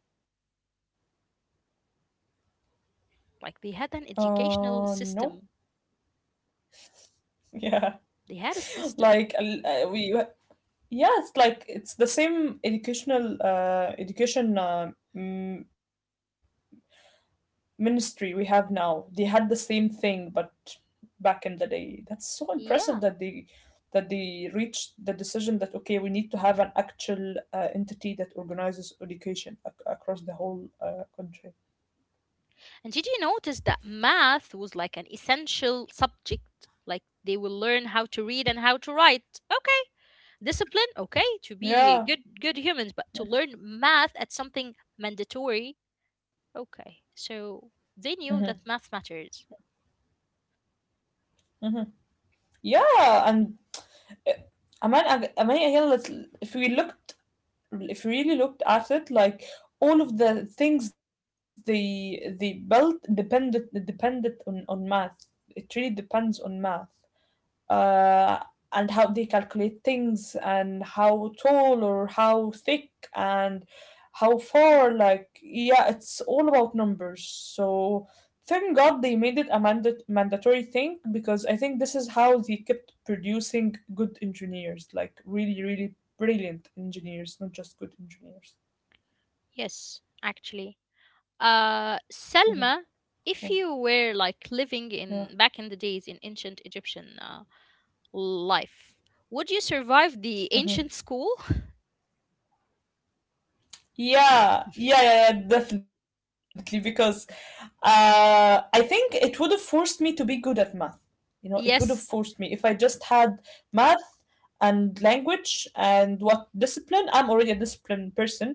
Like they had an
Uh,
educational
no.
system.
Yeah.
They had a system.
Like, we, yeah, it's like it's the same educational education ministry we have now. They had the same thing, but back in the day. That's so impressive that
Yeah.
they reached the decision that, okay, we need to have an actual entity that organizes education across the whole country.
And did you notice that math was like an essential subject? Like they will learn how to read and how to write. Okay. Discipline, okay, to be
Yeah.
good, humans, but to learn math at something mandatory. Okay, so they knew that math matters.
Hmm. Yeah. And am I again? Let's, if we looked if we really looked at it, like all of the things they built depended on math. It really depends on math, uh, and how they calculate things and how tall or how thick and how far. Like, yeah, it's all about numbers. So thank God they made it a mandatory thing, because I think this is how they kept producing good engineers, like really, really brilliant engineers, not just good engineers.
Yes, actually,
Hmm. Yeah.
Selma, if you were like
Yeah.
living in, back in the days, in ancient Egyptian life, would you survive the
Mm-hmm.
ancient school?
Yeah, yeah, yeah, yeah, definitely. Because I think it would have forced me to be good at math. You know, it would have forced me.
Yes.
If I just had math and language and what discipline, I'm already a disciplined person,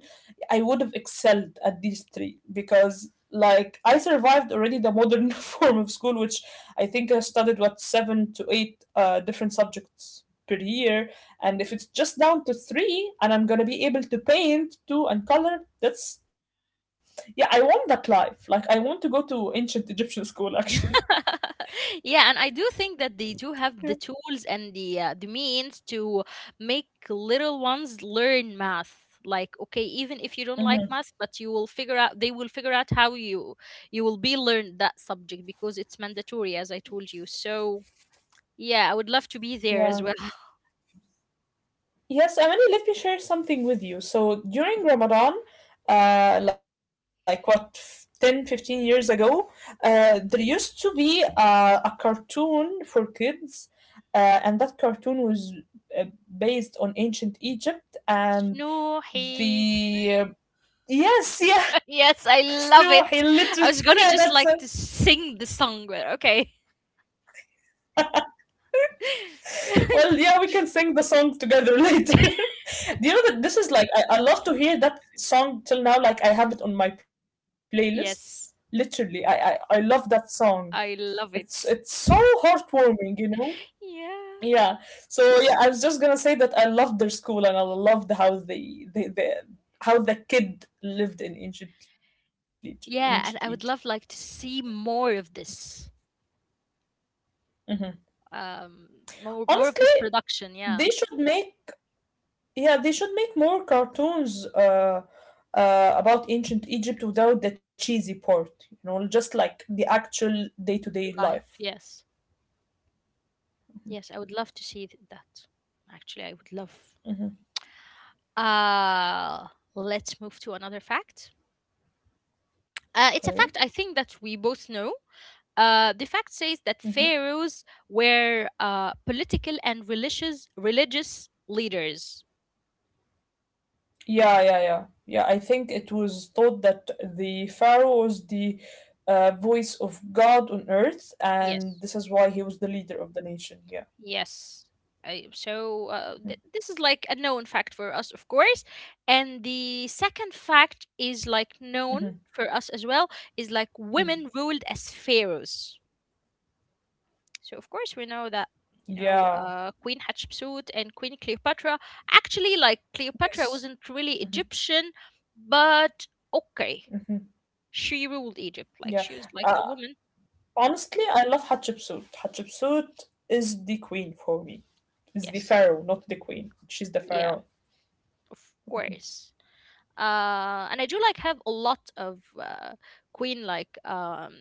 I would have excelled at these three because, like, I survived already the modern form of school, which I think I studied, what, seven to eight different subjects per year. And if it's just down to three and I'm gonna be able to paint too and color, that's, yeah, I want that life. Like, I want to go to ancient Egyptian school actually.
Yeah, and I do think that they do have the
Yeah.
tools and the means to make little ones learn math. Like, okay, even if you don't like math,
Hmm.
but you will figure out they will figure out how you will be learned that subject because it's mandatory, as I told you. So yeah, I would love to be there as
Yeah.
well.
Yes, Emily, let me share something with you. So during Ramadan, like what, 10, 15 years ago, there used to be a cartoon for kids, and that cartoon was uh, based on ancient Egypt, and
Snoohi.
the yes. Yes,
Yes,
no,
I
he
love
literally,
it.
yeah,
I
that's
was
a,
gonna just like to sing the song, but okay.
well, yeah, we can sing the song together later. Do you know that this is like, I love to hear that song till now? Like, I have it on my playlist. Literally,
Yes,
I love that song.
I love
It's
it.
so heartwarming, you know? Yeah.
Yeah.
So yeah, I was just gonna say that I loved their school and I loved how they, how the kid lived in ancient Egypt, ancient Egypt.
Yeah, and I would love like to see more of this. Um more of this
Honestly,
production, yeah.
they should make yeah, they should make more cartoons about ancient Egypt without the cheesy part, you know, just like the actual day-to-day
Live.
life.
Yes. Yes, I would love to see that. Actually, I would love. Uh let's move to another fact. It's a
Okay.
fact I think that we both know. The fact says that
Hmm.
pharaohs were political and religious leaders.
Yeah, yeah, yeah. Yeah, I think it was thought that the pharaoh was the voice of God on earth,
Yes.
and this is why he was the leader of the nation. Yeah.
Yes. So this is like a known fact for us, of course. And the second fact is like known for us as well, is like women ruled as pharaohs. So of course we know
Yeah.
that, Queen Hatshepsut and Queen Cleopatra. Actually, like
Yes.
Cleopatra wasn't really Egyptian, but okay, she ruled Egypt. Like
Yeah.
she was like
Uh,
a woman.
honestly, I love Hatshepsut. Hatshepsut is the queen for me. It's the
Yes.
pharaoh, not the queen. She's the
Yeah.
pharaoh.
Of course. And I do like have a lot of queen like um,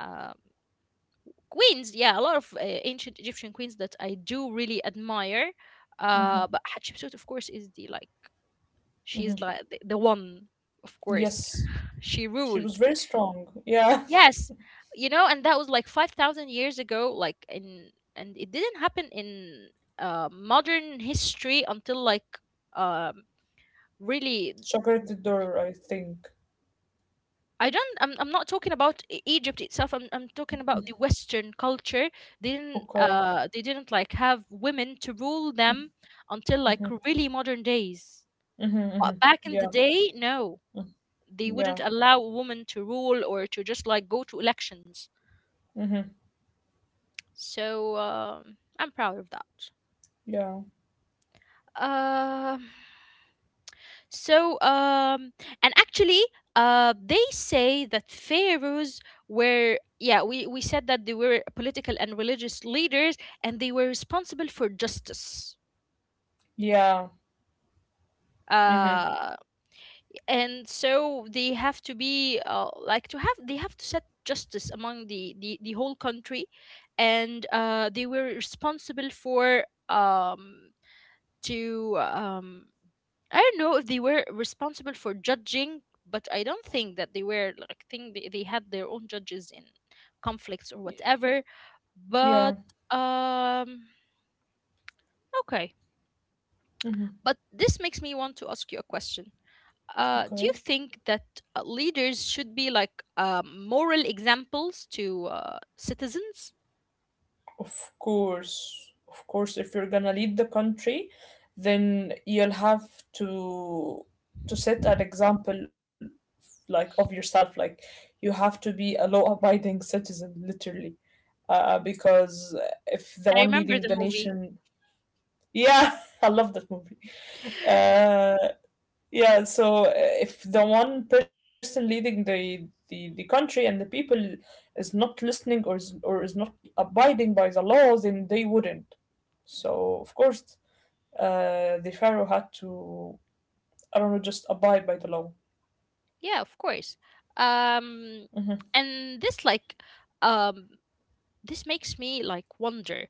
uh, queens. Yeah, a lot of ancient Egyptian queens that I do really admire. But Hatshepsut, of course, is the like she's like the one. Of course,
Yes.
she
She
ruled.
was very strong. Yeah.
Yes, and that was like 5,000 years ago. Like, in and it didn't happen in modern history until like um, really.
Shakarat the door, I think.
I don't. I'm. I'm not talking about Egypt itself. I'm. I'm talking about the Western culture. They didn't.
Okay.
They didn't like have women to rule them until like
Mm-hmm.
really modern days.
Mm-hmm. Mm-hmm.
But back in the
Yeah.
day, no, they wouldn't
Yeah.
allow a woman to rule or to just like go to elections.
Mm-hmm.
So I'm proud of that.
Yeah.
Um. So, and actually, they say that pharaohs were, yeah, we said that they were political and religious leaders, and they were responsible for justice.
Yeah. Mm-hmm.
Uh, and so they have to be, like, to have, they have to set justice among the whole country. And they were responsible for, um, to, um, I don't know if they were responsible for judging, but I don't think that they were like think they had their own judges in conflicts or whatever.
Yeah.
But um okay.
Mm-hmm.
But this makes me want to ask you a question. Do you
Okay.
think that leaders should be like moral examples to citizens?
Of course. Of course, if you're gonna lead the country, then you'll have to to set an example, like, of yourself. Like, you have to be a law abiding citizen, literally. Because if the
I
one
remember
leading
the
the
movie.
nation, yeah, I love that movie. Uh, yeah, so, if the one person leading the country and the people is not listening, or is not abiding by the laws, then they wouldn't. So of course, the pharaoh had to, I don't know, just abide by the law.
Yeah, of course.
Mm-hmm,
Um, and um, this makes me like wonder.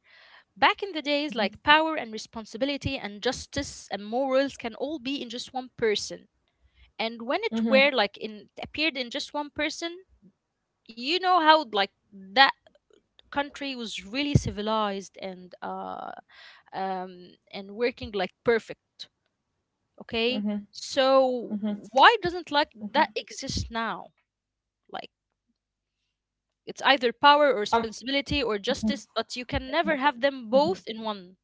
Back in the days, like power and responsibility and justice and morals can all be in just one person. And when it
mm-hmm,
were like in appeared in just one person, you know how like that country was really civilized and working like perfect. Okay?
mm-hmm,
So
mm-hmm,
why doesn't like
mm-hmm.
that exist now? Like it's either power or
Um,
responsibility or justice, but you can never have them both
mm-hmm.
in one.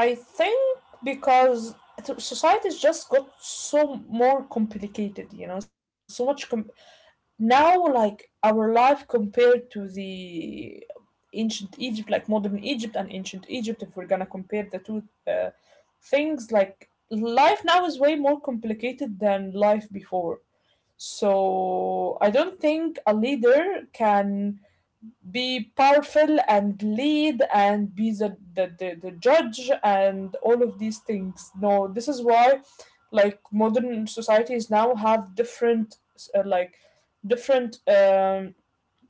I think because society's just got so more complicated, you know, so much now, like, our life compared to the ancient Egypt, like modern Egypt and ancient Egypt, if we're gonna compare the two things, like life now is way more complicated than life before. So I don't think a leader can be powerful and lead and be the judge and all of these things. No, this is why, like, modern societies now have uh, like different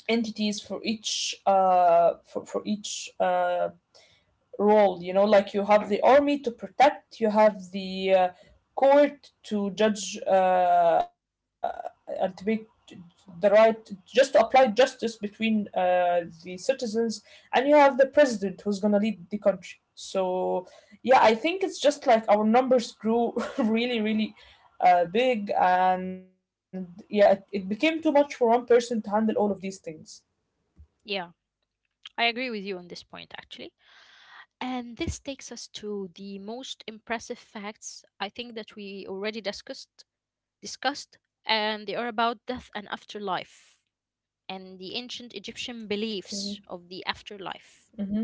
entities for each for each role, you know, like you have the army to protect, you have the court to judge, and to make the right, just to apply justice between the citizens, and you have the president who's going to lead the country. So yeah, I think it's just like our numbers grew really, really big, and yeah, it became too much for one person to handle all of these things.
Yeah, I agree with you on this point actually. And this takes us to the most impressive facts I think that we already discussed, and they are about death and afterlife and the ancient Egyptian
Okay.
beliefs of the afterlife.
Mm-hmm.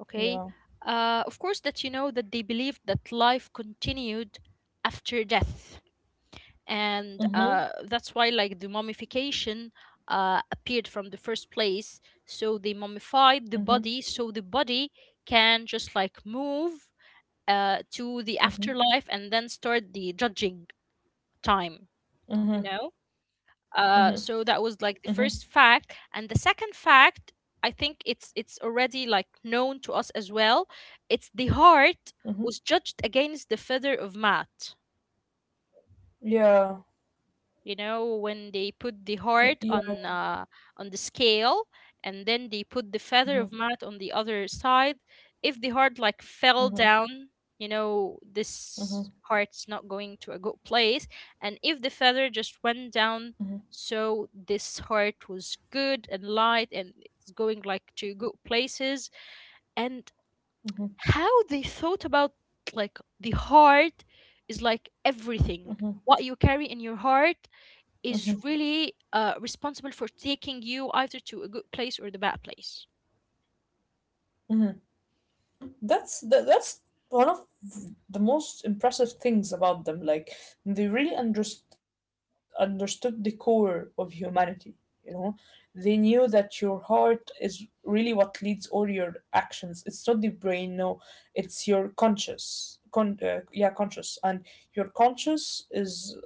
Okay?
Yeah.
Of course that you know that they believed that life continued after death, and
Mm-hmm.
that's why like the mummification appeared from the first place, so they mummified the
Mm-hmm.
body so the body can just like move to the
Mm-hmm.
afterlife and then start the judging time, you
Mm-hmm.
know?
Mm-hmm.
So that was
Mhm.
like the first fact. And the second fact, I think it's already like known to us as well. It's the heart
Mhm.
was judged against the feather of Maat.
Yeah.
You know, when they put the
Yeah.
heart
Yeah.
on the scale and then they put the feather of
Mhm.
mat on the other side, if the heart like fell
Mhm.
down,
Mhm.
this heart's not going to a good place, and if the feather just went
Mhm.
down, so this heart was good and light and it's going like to good places. And
Mhm.
how they thought about, like, the heart is like everything. What you carry in your heart is really responsible for taking you either to a good place or the bad place.
Mhm. That's one of the most impressive things about them. Like, they really understood the core of humanity. You know, they knew that your heart is really what leads all your actions. It's not the brain. No, it's your conscious. Yeah, conscious, and your conscious is,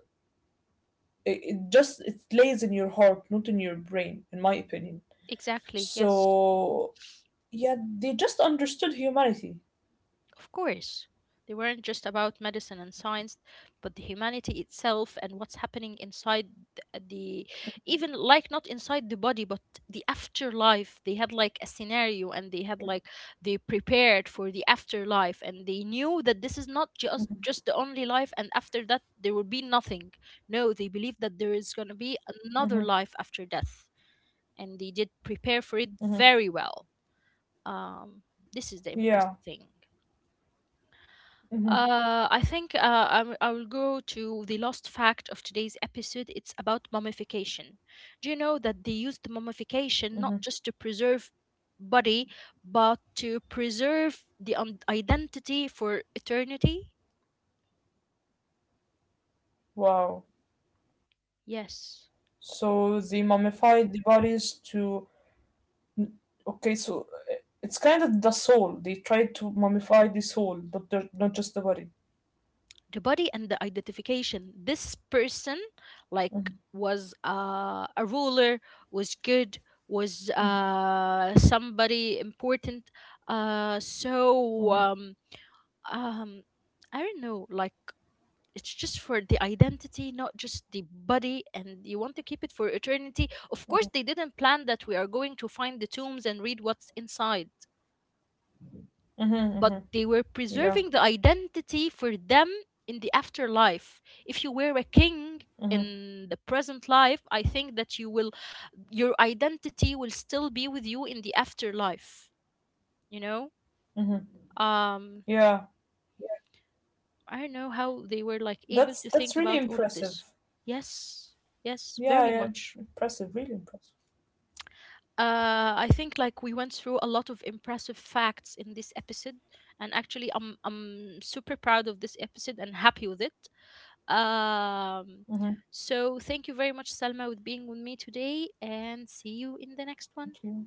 it just, it lays in your heart, not in your brain, in my opinion.
Exactly. Yes.
So yeah, they just understood humanity.
Of course, they weren't just about medicine and science, but the humanity itself and what's happening inside th- the, even like not inside the body, but the afterlife. They had like a scenario, and they prepared for the afterlife, and they knew that this is not just the only life and after that there will be nothing. No, they believe that there is going to be
Hmm.
another life after death, and they did prepare for
Hmm.
it very well. Um, this is the
Yeah.
impressive thing.
Hmm.
I think I will go to the last fact of today's episode. It's about mummification. Do you know that they used
Hmm.
mummification not just to preserve body, but to preserve the identity for eternity?
Wow.
Yes,
So they mummified the bodies to. Okay, so it's kind of the soul. They tried to mummify the soul, not the, not just the body.
the body and the identification. This person, like, was a ruler, was good, was somebody important. So.
Hmm.
Um I don't know, like it's just for the identity, not just the body, and you want to keep it for eternity. Of course they didn't plan that we are going to find the tombs and read what's inside,
Hmm.
but
Hmm.
they were
Yeah.
preserving the identity for them in the afterlife. If you were a king
Hmm.
in the present life, I think that your identity will still be with you in the afterlife you know
Hmm.
um
Yeah.
I don't know how they were like able
That's
to
that's
think
really
about all of this.
impressive.
Yes, yes,
Yeah,
very
yeah,
much.
impressive, really impressive.
I think like we went through a lot of impressive facts in this episode, and actually, I'm super proud of this episode and happy with it. Um, so thank you very much, Salma, with being with me today, and see you in the next one.
Mm-hmm.